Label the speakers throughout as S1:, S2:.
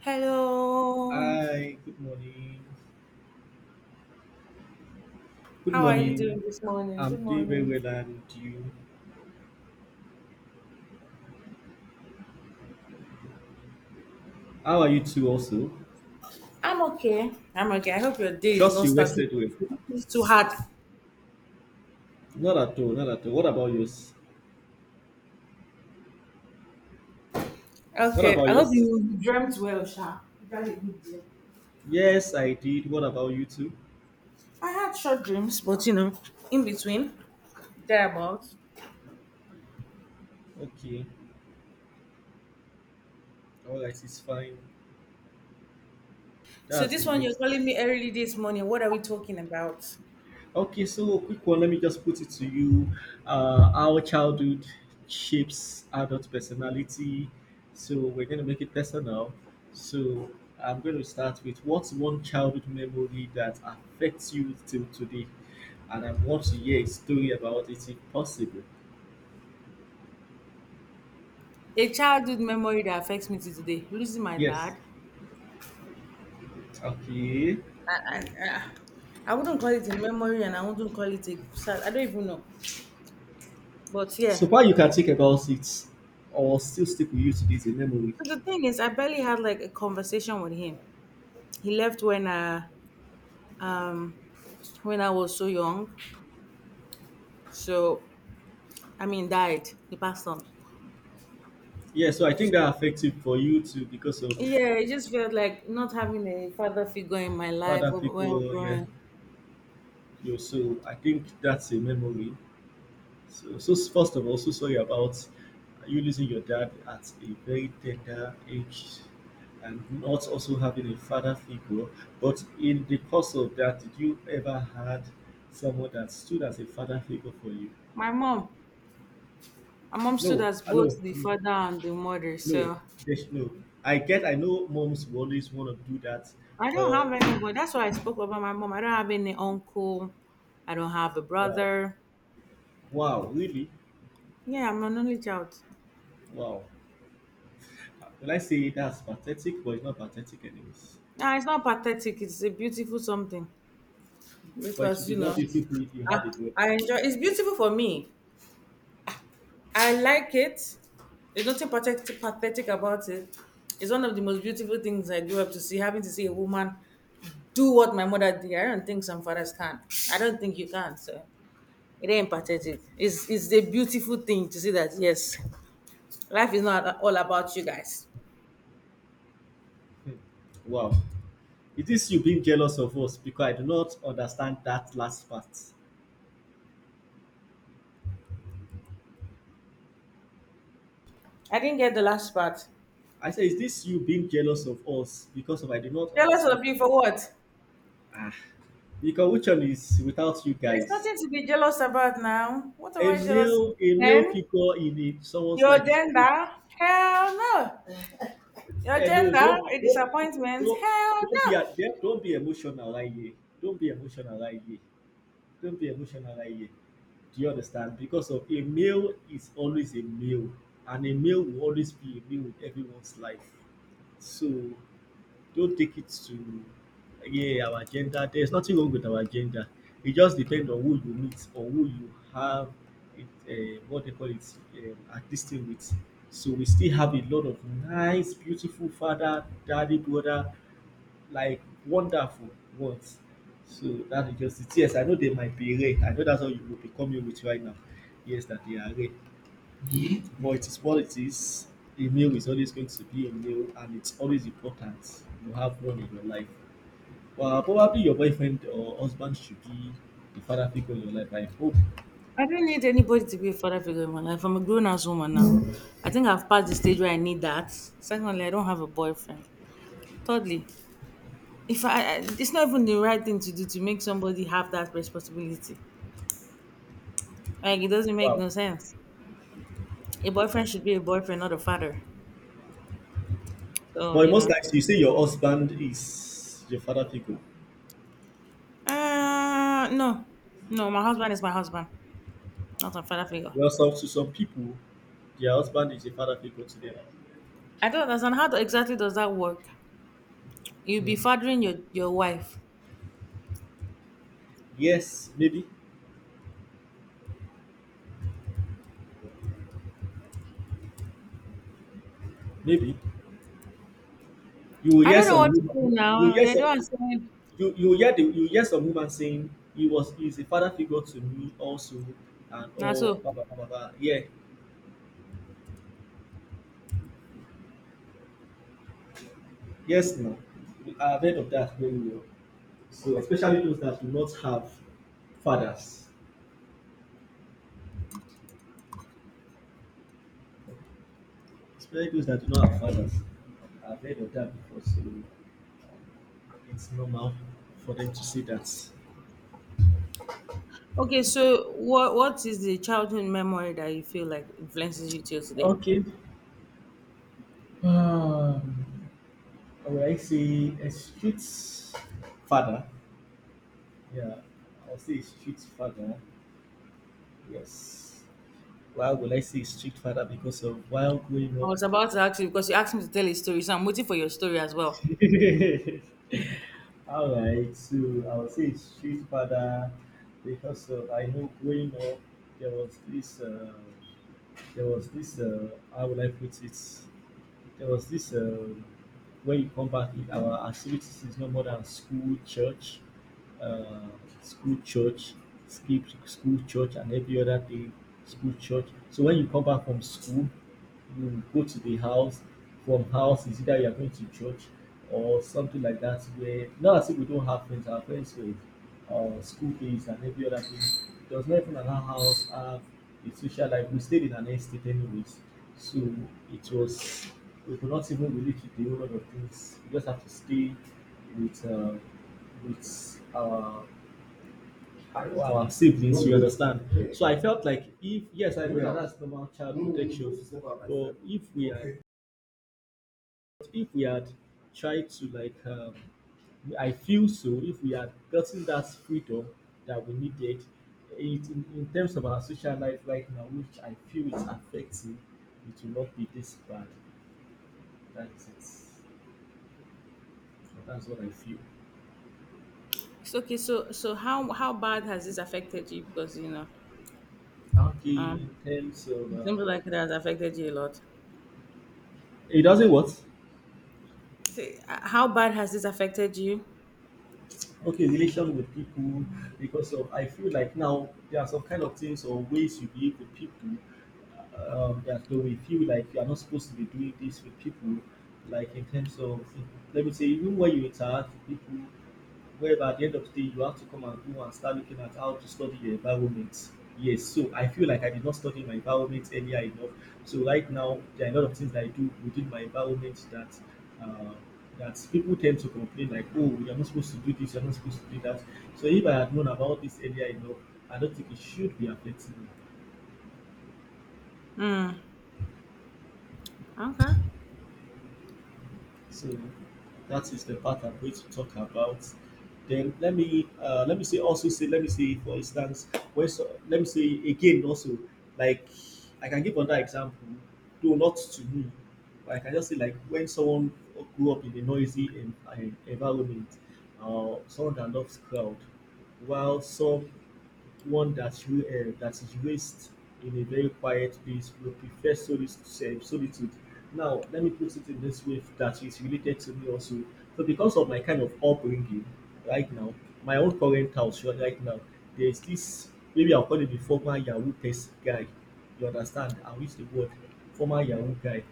S1: Hello.
S2: Hi, good morning. Good
S1: How are you
S2: morning.
S1: doing this morning?
S2: I'm
S1: Good
S2: doing very
S1: morning.
S2: well and you. How are you too also?
S1: I'm okay. I'm okay. I hope your day is
S2: Trust
S1: not
S2: you
S1: starting
S2: rested well.
S1: too, it's too hard.
S2: Not at all, not at all. What about yours? What
S1: Okay.
S2: about
S1: I hope
S2: yours?
S1: you dreamt well, Sha. You had a good dream.
S2: Yes, I did. What about you two?
S1: I had short dreams, but in between, thereabouts.
S2: Okay. Alright, it's fine.
S1: So
S2: That's
S1: this one you're
S2: nice.
S1: calling me early this morning. What are we talking about?
S2: Okay, so a quick one. Let me just put it to you. How childhood shapes adult personality. So we're going to make it personal. So I'm going to start with what's one childhood memory that affects you till today? And I want to hear a story about it if possible.
S1: A childhood memory that affects me to today. Losing my
S2: Yes.
S1: dad.
S2: Okay.
S1: I, I, I I wouldn't call it a memory, and I wouldn't call it a. I don't even know. But yeah.
S2: So far, you can think about it or still stick with you to this memory.
S1: So the thing is, I barely had like a conversation with him. He left um when I was so young. So, I mean, died. He passed on.
S2: Yeah, so I think
S1: So
S2: that affects it for you too because of
S1: yeah, it just felt like not having a father figure in my life
S2: other
S1: while
S2: people. Yeah.
S1: growing.
S2: Yo, so I think that's a memory. So, first of all, so sorry about you losing your dad at a very tender age and not also having a father figure. But in the course of that, did you ever had someone that stood as a father figure for you?
S1: My mom. My mom stood
S2: No,
S1: as
S2: I know,
S1: both the
S2: no,
S1: father and the mother.
S2: no,
S1: So
S2: there's no. I get, I know moms will always want to do that,
S1: I don't have
S2: but
S1: anyone. That's why I spoke about my mom. I don't have any uncle. I don't have a
S2: wow,
S1: brother.
S2: wow, really,
S1: Yeah, I'm an only child.
S2: wow. Will I say that's pathetic? But it's not pathetic, anyways.
S1: Nah, it's not pathetic. It's a beautiful something,
S2: But it would
S1: because
S2: be
S1: you
S2: more
S1: know
S2: beautiful if you
S1: I,
S2: had a girl.
S1: I enjoy. It's beautiful for me. I like it. There's nothing pathetic about it. It's one of the most beautiful things I grew up to see, having to see a woman do what my mother did. I don't think some fathers can. I don't think you can. So it ain't pathetic. It's a beautiful thing to see that, yes, life is not all about you guys.
S2: Wow. Is this you being jealous of us? Because I do not understand that last part.
S1: I didn't get the last part.
S2: I say, is this you being jealous of us? Because of I do not
S1: Jealous
S2: understand
S1: of you for
S2: us.
S1: what?
S2: Ah. Because which one is without you
S1: There's
S2: guys?
S1: nothing to be jealous about. Now what am I jealous of?
S2: A male
S1: Men?
S2: figure in a, someone's
S1: Your
S2: life is always.
S1: gender? Hell no. Your
S2: Hello,
S1: gender?
S2: don't be,
S1: A
S2: don't, be-
S1: disappointment?
S2: don't,
S1: Hell
S2: don't be, a-
S1: no.
S2: don't be emotional right here. Don't be emotional right here. Don't be emotional right here. Do you understand? Because of a male is always a male, and a male will always be a male with everyone's life. So don't take it to yeah our gender. There's nothing wrong with our gender. It just depends on who you meet or who you have it, what they call it, a distance with. So we still have a lot of nice, beautiful father, daddy, brother like wonderful once. So that is just it. Yes, I know they might be rain. I know that's all you will be coming with right now. Yes, that they are rain. But it is what it is. A meal is always going to be a meal and it's always important you have one in your life. Well, probably your boyfriend or husband should be the father figure in your life, I hope.
S1: I don't need anybody to be a father figure in my life. I'm a grown ass woman now. I think I've passed the stage where I need that. Secondly, I don't have a boyfriend. Thirdly, if I, I it's not even the right thing to do to make somebody have that responsibility. Like it doesn't make
S2: Wow.
S1: no sense. A boyfriend should be a boyfriend, not a father. So
S2: But
S1: you
S2: most
S1: know.
S2: likely you say your husband is your father figure.
S1: No, no. My husband is my husband, not a father figure.
S2: Well, some to some people, their husband is a father figure to them.
S1: I don't understand how exactly does that work. You be
S2: Hmm.
S1: fathering your wife.
S2: Yes, maybe. Maybe you will
S1: I
S2: hear
S1: don't know
S2: some
S1: what to say
S2: woman,
S1: now.
S2: you will hear
S1: I
S2: some
S1: don't one
S2: you will hear the you will hear some woman saying he was he is a father figure to me also and
S1: now
S2: all
S1: so.
S2: blah blah blah blah blah. Yeah, yes now. I've heard of that very well. So especially those that do not have fathers. Especially those that do not have fathers. I've heard of that before, so it's normal for them to say that.
S1: Okay, so what is the childhood memory that you feel like influences you till today?
S2: Okay. Um, I would I say a street father. Yeah, I'll say Street father. Yes. Why would I say Street father? Because of while growing
S1: I
S2: up.
S1: was about to ask you because you asked me to tell a story, so I'm waiting for your story as well.
S2: All right, so I'll say Street father, because of I know growing up there was this uh, there was this how would I put it? There was this when you come back, if our activities is no more than uh, school, church, skip school, church, and every other day, school, church. So when you come back from school, you go to the house. From house is either you are going to church or something like that. Where not as if we don't have friends, our friends were school days and every other thing. It was not even allow house have a social life. We stayed in an estate anyways. So it was we could not even really keep the whole lot of things. We just have to stay with uh, with our siblings, you understand? So I felt like if yes, I know that that's normal child protection, but if we had tried to like I feel so if we had gotten that freedom that we needed, it in terms of our social life right now, which I feel is affecting, it will not be this bad. That's it. That's what I feel.
S1: It's okay, so how bad has this affected you? Because
S2: Okay,
S1: um,
S2: in terms of
S1: it seems like it has affected you a lot.
S2: it doesn't what?
S1: See, how bad has this affected you?
S2: Okay, relation with people because of I feel like now there are some kind of things or ways you behave with people, that though we feel like you are not supposed to be doing this with people, like in terms of let me say even when you interact with people, whereby at the end of the day you have to come and go and start looking at how to study your environment. Yes, so I feel like I did not study my environment earlier enough. So right now there are a lot of things that I do within my environment uh, that people tend to complain like, oh, you're not supposed to do this, you're not supposed to do that. So if I had known about this earlier enough, I don't think it should be affecting me.
S1: Mm, okay.
S2: So that is the part I'm going to talk about. Then let me say also say let me say for instance when so, let me say again also like I can give another example, though not to me, but I can just say like when someone grew up in a noisy environment, someone that loves crowd, while some one that you that is raised in a very quiet place will prefer solitude. Now, let me put it in this way that is related to me also. So, because of my kind of upbringing right now, my own current house right now, there's this maybe I'll call it the former Yahoo test guy. You understand? I'll use the word former Yahoo guy.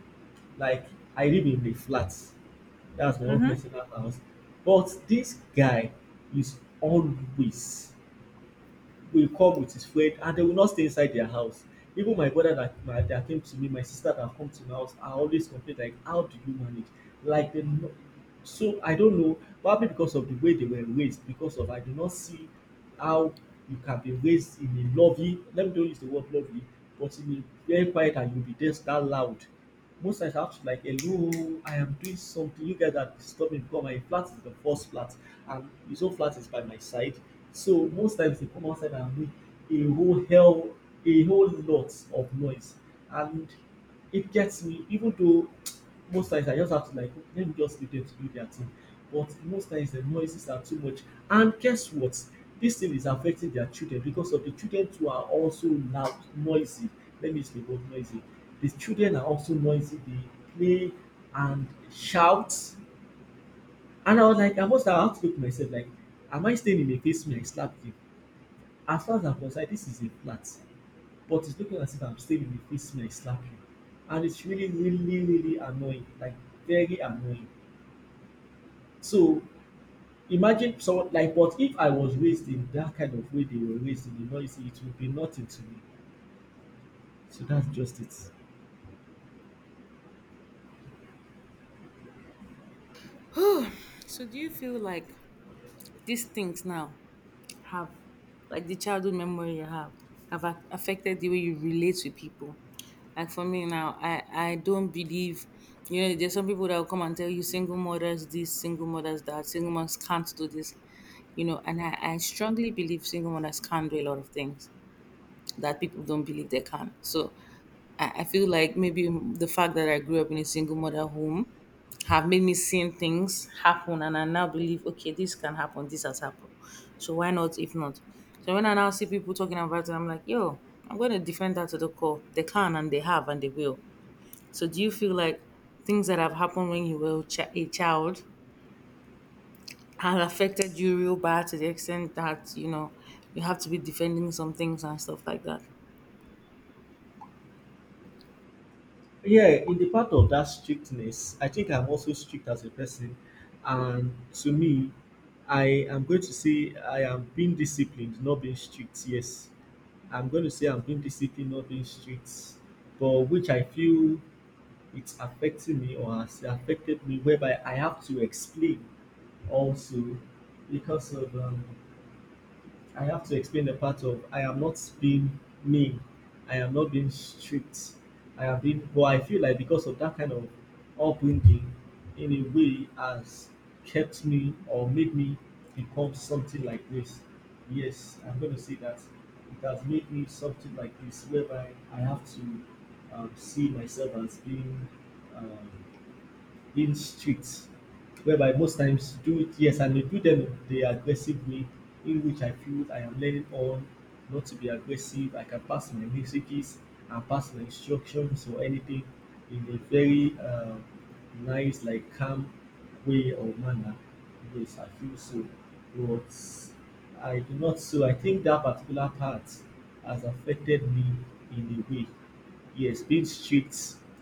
S2: Like, I live in the flats. That's my own personal house. But this guy is always will come with his friend and they will not stay inside their house. Even my brother that, my, that came to me, my sister that come to my house, I always complain like, how do you manage? Like, they, no- so I don't know, probably because of the way they were raised, because of I do not see how you can be raised in a lovely. Let me don't use the word lovely. But in a very quiet and you'll be just that loud. Most times I have to like, hello, I am doing something, you guys are disturbing because my flat is the first flat and his own flat is by my side. So most times they come outside and make a whole hell, a whole lot of noise. And it gets me, even though most times I just have to like let me just leave them to do their thing. But most times the noises are too much. And guess what? This thing is affecting their children because of the children too are also loud, noisy. Let me use the word noisy. The children are also noisy. They play and shout. And I was like, I must have had to look myself like, am I staying in a basement I slapped you? As far as I'm concerned, this is a flat. But it's looking as if I'm staying in a basement I slapped you. And it's really, really, really annoying. Like very annoying. So imagine someone like, but if I was raised in that kind of way they were raised in the noise, it would be nothing to me. So that's just it.
S1: Mm-hmm. So do you feel like these things now have, like, the childhood memory you have affected the way you relate to people? Like for me now, I don't believe, you know, there's some people that will come and tell you single mothers this, single mothers that, single mothers can't do this. You know, and I strongly believe single mothers can do a lot of things that people don't believe they can. So I feel like maybe the fact that I grew up in a single mother home have made me seeing things happen, and I now believe, okay, this can happen, this has happened. So why not if not? So when I now see people talking about it, I'm like, yo, I'm gonna defend that to the core. They can, and they have, and they will. So do you feel like things that have happened when you were a child have affected you real bad to the extent that, you know, you have to be defending some things and stuff like that?
S2: Yeah, in the part of that strictness, I think I'm also strict as a person, and to me, I am going to say I am being disciplined, not being strict. Yes, I'm going to say I'm being disciplined, not being strict, but which I feel it's affecting me or has affected me, whereby I have to explain also because of I have to explain the part of I am not being mean, I am not being strict, I am being. But I feel like because of that kind of upbringing, in a way, has kept me or made me become something like this. Yes, I'm going to say that it has made me something like this, whereby I have to see myself as being. Um, in streets whereby most times do it yes and they do them the aggressive way in which I feel I am learning on not to be aggressive. I can pass my messages and pass my instructions or anything in a very nice, like calm way or manner. Yes, I feel so. But I do not so I think that particular part has affected me in a way. Yes, being strict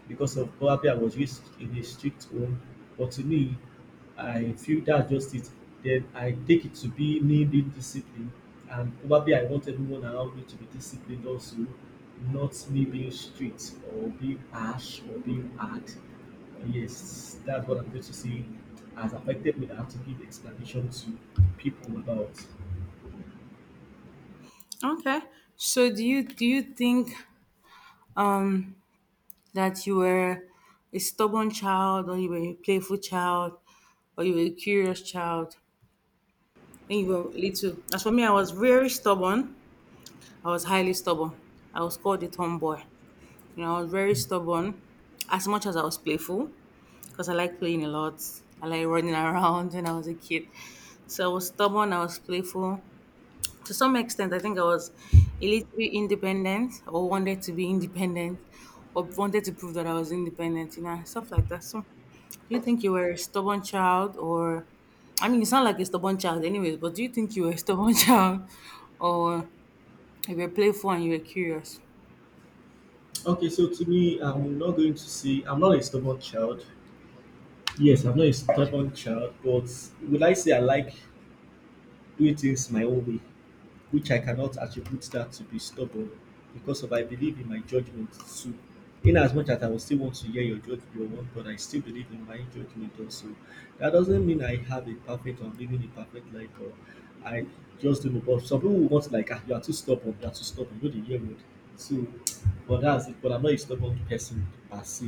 S2: because of probably I was raised in a strict home, but to me, I feel that's just it. Then I take it to be me being disciplined, and probably I want everyone around me to be disciplined also, not me being strict or being harsh or being hard. Yes, that's what I'm going to say has affected me, that I have to give explanation to people about.
S1: Okay. So do you think um that you were a stubborn child, or you were a playful child, or you were a curious child when you were little? As for me, I was very stubborn. I was highly stubborn. I was called a tomboy. You know, I was very stubborn as much as I was playful, because I like playing a lot. I like running around when I was a kid. So I was stubborn, I was playful. To some extent, I think I was a little bit independent, or wanted to be independent, or wanted to prove that I was independent, you know, stuff like that. So, do you think you were a stubborn child, or, I mean, you sound like a stubborn child, anyways, but do you think you were a stubborn child, or you were playful and you were curious?
S2: Okay, so to me, I'm not going to say I'm not a stubborn child. Yes, I'm not a stubborn child, but would I say I like doing things my own way, which I cannot attribute that to be stubborn because of I believe in my judgment too. In as much as I will still want to hear your judgment, your word, but I still believe in my judgment also. That doesn't mean I have a perfect or living a perfect life or I just don't know. But some people will want like ah, you are too stubborn, you are too stubborn, you know the year word. So but that's it. But I'm not a stubborn person per se.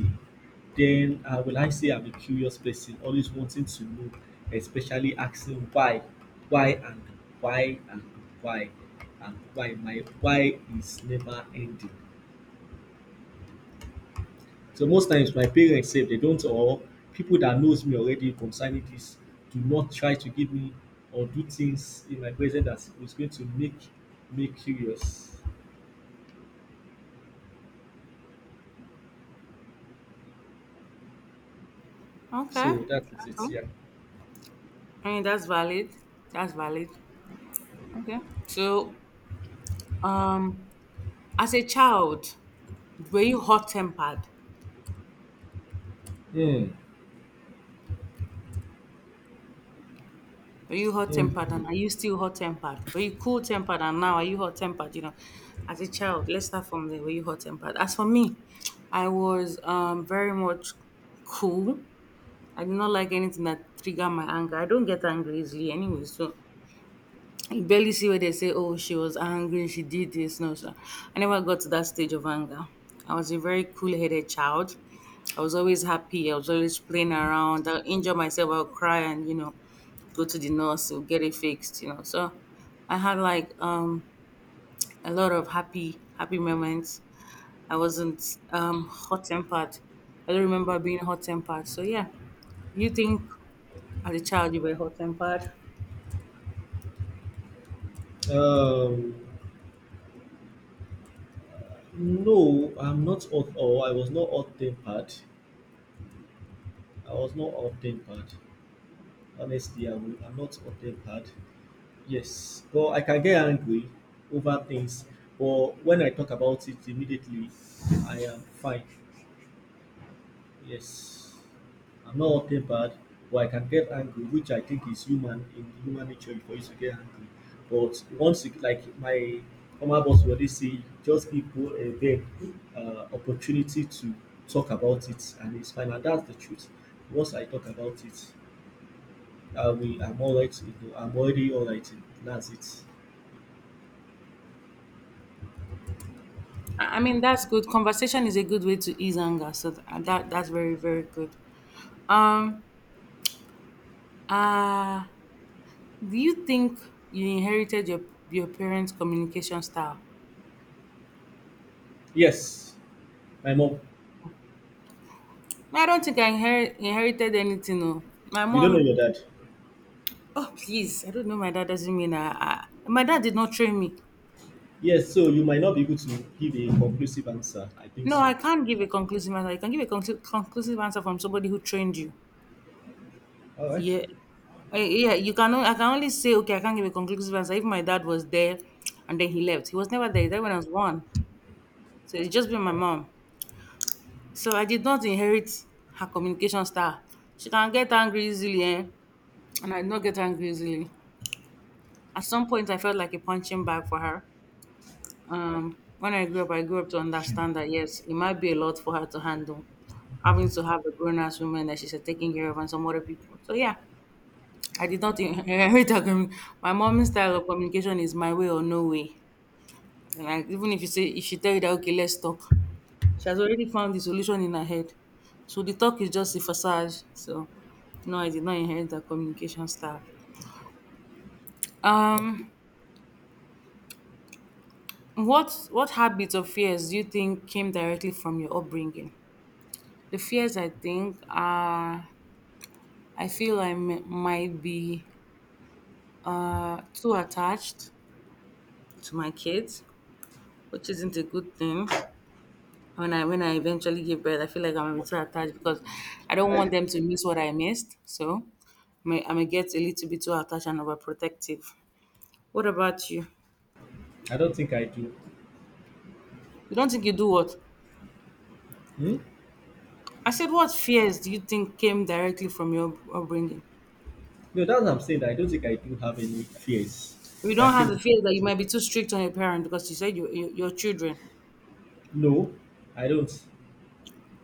S2: Then will I say I'm a curious person, always wanting to know, especially asking why and why and why and why my why is never ending. So most times my parents say they don't or people that knows me already concerning this do not try to give me or do things in my present that is going to make me curious.
S1: Okay.
S2: So
S1: Okay.
S2: that is it, yeah.
S1: I mean, that's valid. That's valid. Okay. So, um, as a child, were you hot tempered?
S2: Hmm.
S1: Were you hot
S2: Hmm.
S1: tempered, and are you still hot tempered? Were you cool tempered, and now are you hot tempered? You know, as a child, let's start from there. Were you hot tempered? As for me, I was very much cool. I did not like anything that triggered my anger. I don't get angry easily anyway, so you barely see where they say, "Oh, she was angry. She did this." No, sir. I never got to that stage of anger. I was a very cool-headed child. I was always happy. I was always playing around. I'll injure myself. I'll cry, and go to the nurse. We'll get it fixed. So I had like a lot of happy, happy moments. I wasn't hot-tempered. I don't remember being hot-tempered. So yeah, you think as a child you were hot-tempered?
S2: Um, No, I'm not hot or I was not hot tempered. I was not hot tempered. Honestly, I will, I'm not hot tempered. Yes, but I can get angry over things. But when I talk about it immediately, I am fine. Yes. I'm not wanting bad, but I can get angry, which I think is human in human nature for you to get angry. But once you like my former boss will always say, just give people a them opportunity to talk about it, and it's fine. And that's the truth. Once I talk about it, I will, I'm all right. You know, I'm already all right. That's it.
S1: I mean, that's good. Conversation is a good way to ease anger. So that's very very good. Um, uh, do you think you inherited your parents' communication style?
S2: Yes, my mom.
S1: No, I don't think I inherited anything. No, my
S2: You don't know
S1: mom.
S2: your dad.
S1: Oh please, I don't know. My dad doesn't mean I. My dad did not train me.
S2: Yes, so you might not be able to give a conclusive answer. I think
S1: No,
S2: so.
S1: I can't give a conclusive answer. You can give a conclusive answer from somebody who trained you.
S2: All right.
S1: Yeah. I can only say, okay, I can't give a conclusive answer. If my dad was there and then he left, he was never there. He died when I was one. So it's just been my mom. So I did not inherit her communication style. She can get angry easily, eh? And I did not get angry easily. At some point, I felt like a punching bag for her. When I grew up to
S2: Sure.
S1: understand that, yes, it might be a lot for her to handle. Having to have a grown ass woman that she's taking care of and some other people. So yeah, I did not inherit her my mom's style of communication is my way or no way. And even if you say, if she tell you that, okay, let's talk, she has already found the solution in her head. So the talk is just a facade. So no, I did not inherit her communication style. Um, what habits or fears do you think came directly from your upbringing? The fears I think are, I feel I might be too attached to my kids, which isn't a good thing. When I when I eventually give birth, I feel like I'm a bit too attached because I don't want them to miss what I missed. So I may get a little bit too attached and overprotective. What about you?
S2: I don't think I do.
S1: You don't think you do what?
S2: Hmm?
S1: I said, what fears do you think came directly from your upbringing?
S2: No, that's what I'm saying, that I don't think I do have any fears
S1: You
S2: that
S1: don't have
S2: came
S1: the
S2: with.
S1: fear that you might be too strict on your parent, because you said you, your children.
S2: No, I don't.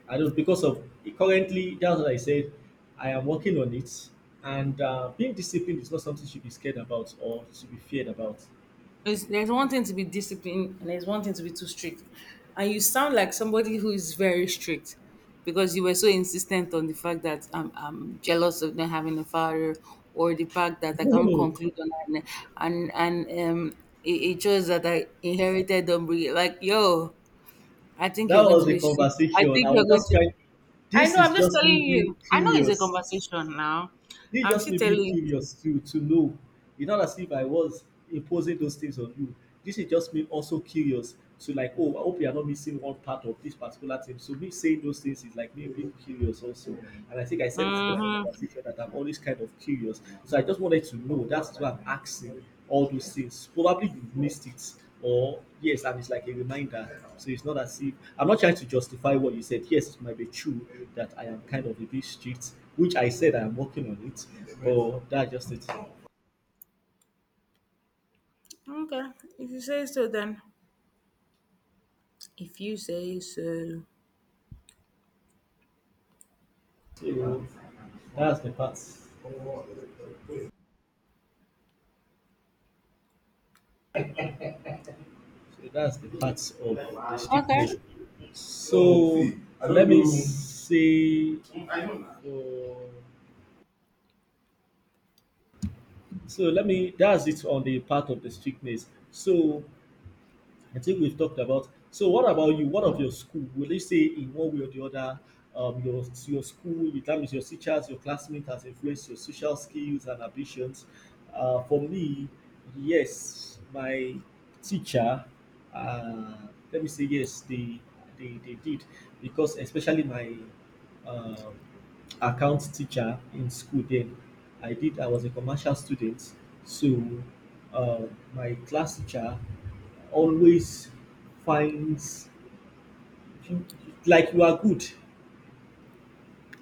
S2: I don't because of currently. That's what I said. I am working on it, and being disciplined is not something you should be scared about or should be feared about.
S1: There's one thing to be disciplined and there's one thing to be too strict. And you sound like somebody who is very strict, because you were so insistent on the fact that I'm jealous of not having a father, or the fact that I
S2: No,
S1: can't conclude on that. And it shows that I inherited dumb. Like, yo, I think
S2: that
S1: you're going
S2: was
S1: to
S2: a
S1: be strict. I
S2: conversation.
S1: think
S2: I
S1: you're
S2: was
S1: going
S2: just
S1: to be.
S2: trying.
S1: I
S2: This
S1: know. I'm
S2: is
S1: just
S2: just me
S1: telling you.
S2: being
S1: I know it's a
S2: curious.
S1: conversation now.
S2: This
S1: I'm
S2: just
S1: still
S2: me being
S1: telling you.
S2: curious to know. It's not as if I was imposing those things on you. This is just me also curious to like, oh, I hope you are not missing one part of this particular thing. So me saying those things is like me being curious also. And I think I said it in my
S1: Hmm.
S2: conversation that I'm always kind of curious. So I just wanted to know. That's why I'm asking all those things. Probably you missed it or yes, and it's like a reminder. So it's not as if I'm not trying to justify what you said. Yes, it might be true that I am kind of a bit strict, which I said I am working on it, but that's just it.
S1: Okay. If you say so, then. If you say so.
S2: So that's the part. So that's the part of the
S1: Okay.
S2: strictness. So let me say uh, so let me that's it on the part of the strictness. So I think we've talked about. So, what about you? What of your school? Will they say in one way or the other, your school, your time is your teachers, your classmates has influenced your social skills and ambitions? For me, yes, my teacher. Uh, let me say yes, they did because especially my um account teacher in school then. I did. I was a commercial student, so uh, my class teacher always finds you like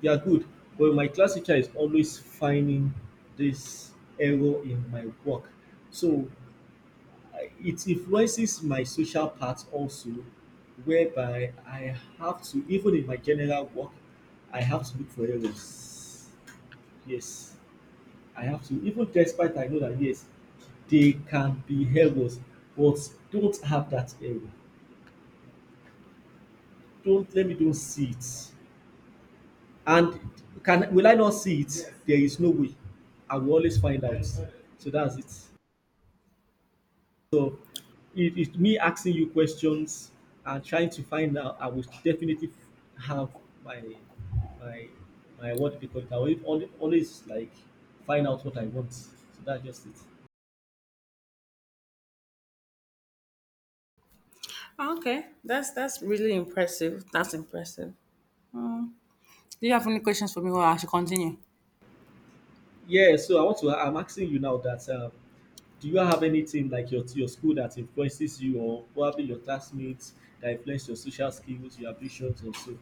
S2: you are good, but my class teacher is always finding this error in my work. So it influences my social part also, whereby I have to even in my general work, I have to look for errors. Yes, I have to. Even despite I know that yes, they can be errors, but don't have that error. Don't let me don't see it. And can will I not see it? Yes. There is no way. I will always find out. So that's it. So it's me asking you questions and trying to find out. I will definitely have my my my what because I will always like find out what I want. So that's just it.
S1: Okay. That's really impressive. That's impressive. Um, do you have any questions for me, or I should continue?
S2: Yeah. So I want to. I'm asking you now that. Do you have anything like your school that influences you, or probably your classmates that influence your social skills, your ambitions, or so?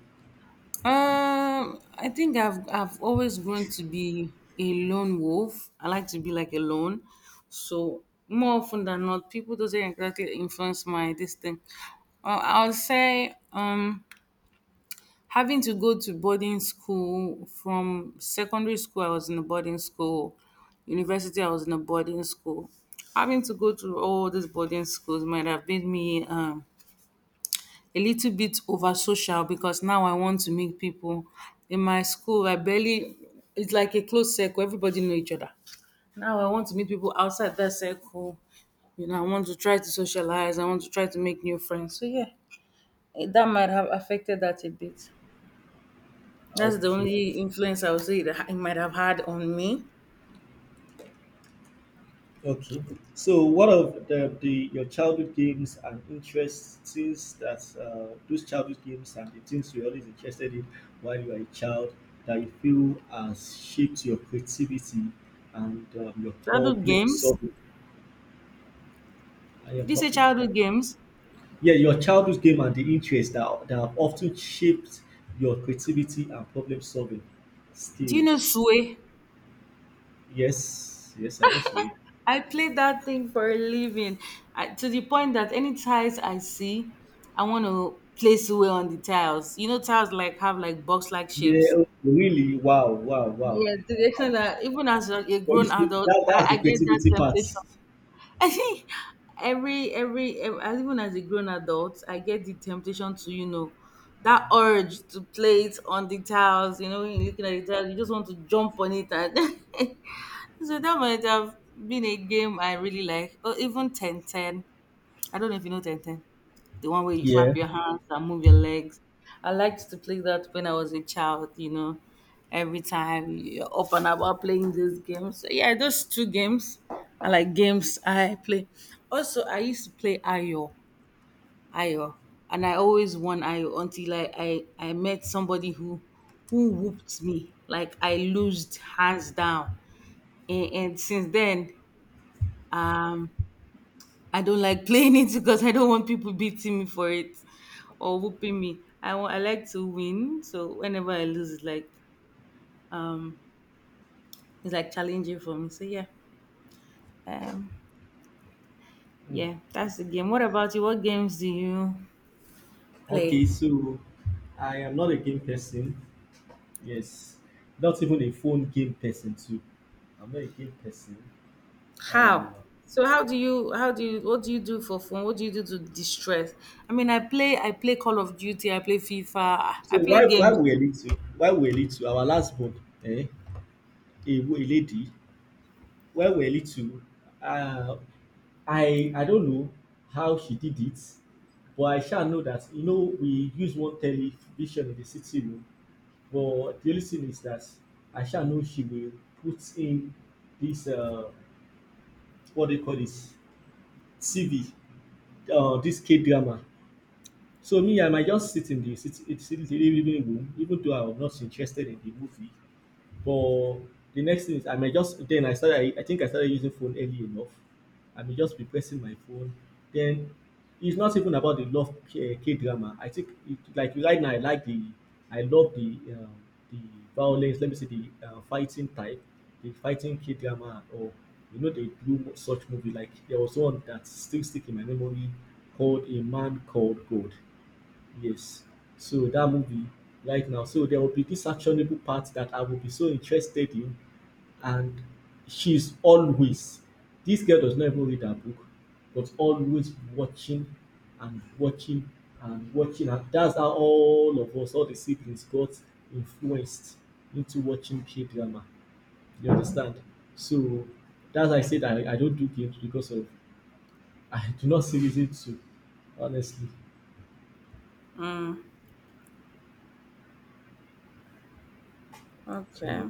S1: I think I've always grown to be a lone wolf. I like to be like alone. So more often than not, people doesn't exactly influence my this thing. I'll say having to go to boarding school from secondary school, I was in a boarding school. University, I was in a boarding school. Having to go to all these boarding schools might have made me a little bit over social because now I want to meet people. In my school, I barely, it's like a closed circle, everybody know each other. Now I want to meet people outside that circle. You know, I want to try to socialize, I want to try to make new friends. So, yeah, that might have affected that a bit. That's the
S2: Okay.
S1: only influence I would say that it might have had on me.
S2: Okay. So, what of the your childhood games and interests things that those childhood games and the things you always interested in while you were a child that you feel has shaped your creativity and your
S1: Childhood
S2: problem
S1: games?
S2: solving and your
S1: Did you say
S2: public?
S1: childhood games?
S2: Yeah, your childhood game and the interests that that have often shaped your creativity and problem solving
S1: Do you know
S2: skills.
S1: Sway?
S2: Yes, yes, I know so.
S1: I played that thing for a living. I, to the point that any tiles I see, I want to place Sway on the tiles. You know, tiles like have like box like
S2: Yeah.
S1: shapes.
S2: Okay, really. Wow. Wow. Wow.
S1: Yeah, to the
S2: Wow.
S1: extent that even as a
S2: But you
S1: grown
S2: see,
S1: adult,
S2: that,
S1: I,
S2: that's the
S1: I get that
S2: creativity part.
S1: temptation. I think every ev- as even as a grown adult, I get the temptation to you know that urge to play it on the tiles. You know, when you're looking at the tiles, you just want to jump on it. And so that might have been a game I really like, or even ten ten. I don't know if you know Ten Ten. The one where you
S2: Yeah.
S1: clap your hands and move your legs. I liked to play that when I was a child, you know. Every time you're up and about playing these games. So yeah, those two games are like games I play. Also, I used to play Ayo. Ayo. And I always won Ayo until I met somebody who whooped me. Like I lost hands down. And since then, um I don't like playing it because I don't want people beating me for it or whooping me. I want, I like to win, so whenever I lose, um, it's like challenging for me. So um,
S2: Mm.
S1: yeah, that's the game. What about you? What games do you
S2: Okay,
S1: play?
S2: so I am not a game person. Yes, not even a phone game person too. I'm not a game person. Uh,
S1: How? So how do you what do you do for fun? What do you do to distress? I mean, I play Call of Duty, I play FIFA,
S2: so
S1: I play
S2: why
S1: games.
S2: we were to why we were to our last board? Eh, a, a lady, why we were to? uh, I don't know how she did it, but I shall know that you know we use one television in the city room. But the only thing is that I shall know she will put in this what they call this TV, this K drama. So me, I might just sit in the sit in the living room, even though I was not interested in the movie. But the next thing is I might just then I started I think I started using phone early enough. I may just be pressing my phone. Then it's not even about the love K drama. I think it, like right now I like the I love the violence. Let me say the fighting type, the fighting K drama or you know they do such movie like there was one that still stick in my memory called A Man Called Gold. Yes. So that movie right now, so there will be this actionable part that I will be so interested in, and she's always this girl does not even read her book, but always watching and watching and watching. And that's how all of us, all the siblings, got influenced into watching K drama. You understand? So that's why I said I don't do games because of I do not see reason to, honestly. So
S1: Okay,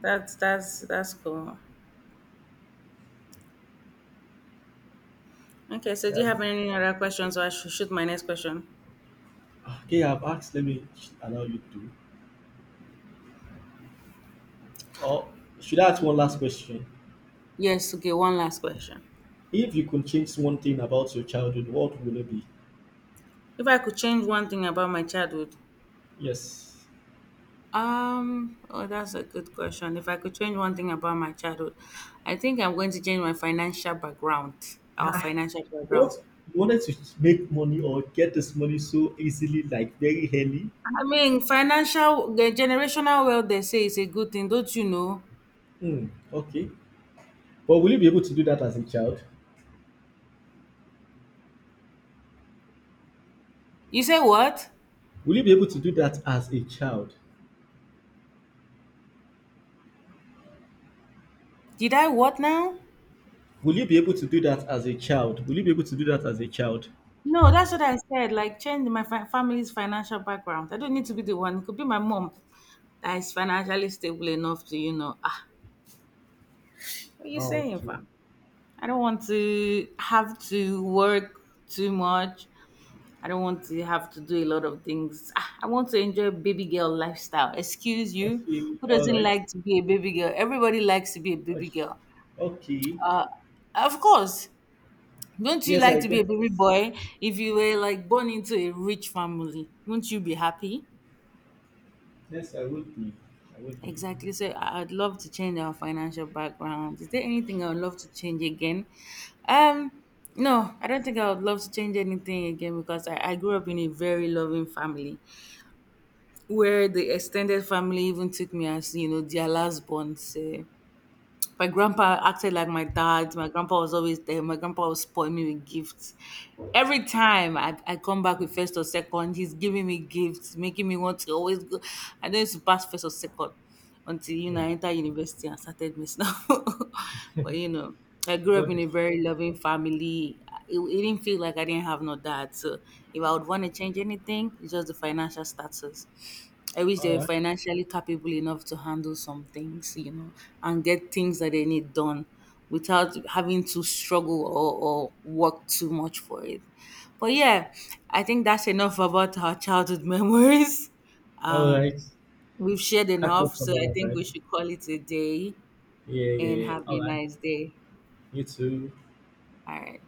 S1: that's that's cool. Okay, so do you
S2: that's.
S1: have any other questions, or I should shoot my next question?
S2: Okay, I've asked. Let me allow you to. Or should I ask one last question?
S1: Yes, okay, one last question.
S2: If you could change one thing about your childhood, what would it be?
S1: If I could change one thing about my childhood,
S2: Yes.
S1: oh, that's a good question. If I could change one thing about my childhood, I think I'm going to change my financial background. Our financial
S2: What,
S1: background.
S2: you wanted to make money or get this money so easily, like very early?
S1: I mean, financial the generational wealth. They say is a good thing, don't you know?
S2: Hmm. Okay. But will you be able to do that as a child?
S1: You say what?
S2: Will you be able to do that as a child?
S1: Did I what now?
S2: Will you be able to do that as a child? Will you be able to do that as a child?
S1: No, that's what I said. Like, family's financial background. I don't need to be the one. It could be my mom that is financially stable enough to, you know, ah, what are you
S2: Oh,
S1: saying,
S2: okay.
S1: fam? I don't want to have to work too much. I don't want to have to do a lot of things. Ah, I want to enjoy baby girl lifestyle. Excuse you.
S2: Okay.
S1: Who
S2: All
S1: doesn't
S2: right.
S1: like to be a baby girl? Everybody likes to be a baby
S2: Okay.
S1: girl.
S2: Okay.
S1: Of course. Don't you
S2: Yes, I
S1: like to be
S2: guess.
S1: a baby boy? If you were like born into a rich family, wouldn't you be happy?
S2: Yes, I would be. I would be.
S1: Exactly. So I'd love to change our financial background. Is there anything I would love to change again? Um, no, I don't think I would love to change anything again because I grew up in a very loving family where the extended family even took me as, you know, their last born. So my grandpa acted like my dad. My grandpa was always there. My grandpa was spoiling me with gifts. Every time I come back with first or second, he's giving me gifts, making me want to always go. I don't used to pass first or second until you
S2: Hmm.
S1: know I entered university and started messing up. But you know, I grew up
S2: Got
S1: in
S2: it.
S1: a very loving family. It didn't feel like I didn't have no dad. So if I would want to change anything, it's just the financial status. I wish they
S2: All
S1: were
S2: right.
S1: financially capable enough to handle some things, you know, and get things that they need done without having to struggle or work too much for it. But yeah, I think that's enough about our childhood memories.
S2: All
S1: Uh,
S2: right.
S1: we've shared
S2: Catch up
S1: enough,
S2: some
S1: so I
S2: other
S1: think we
S2: time.
S1: should call it a day
S2: Yeah,
S1: and
S2: yeah.
S1: have
S2: All
S1: a
S2: right.
S1: nice day.
S2: You too.
S1: All right.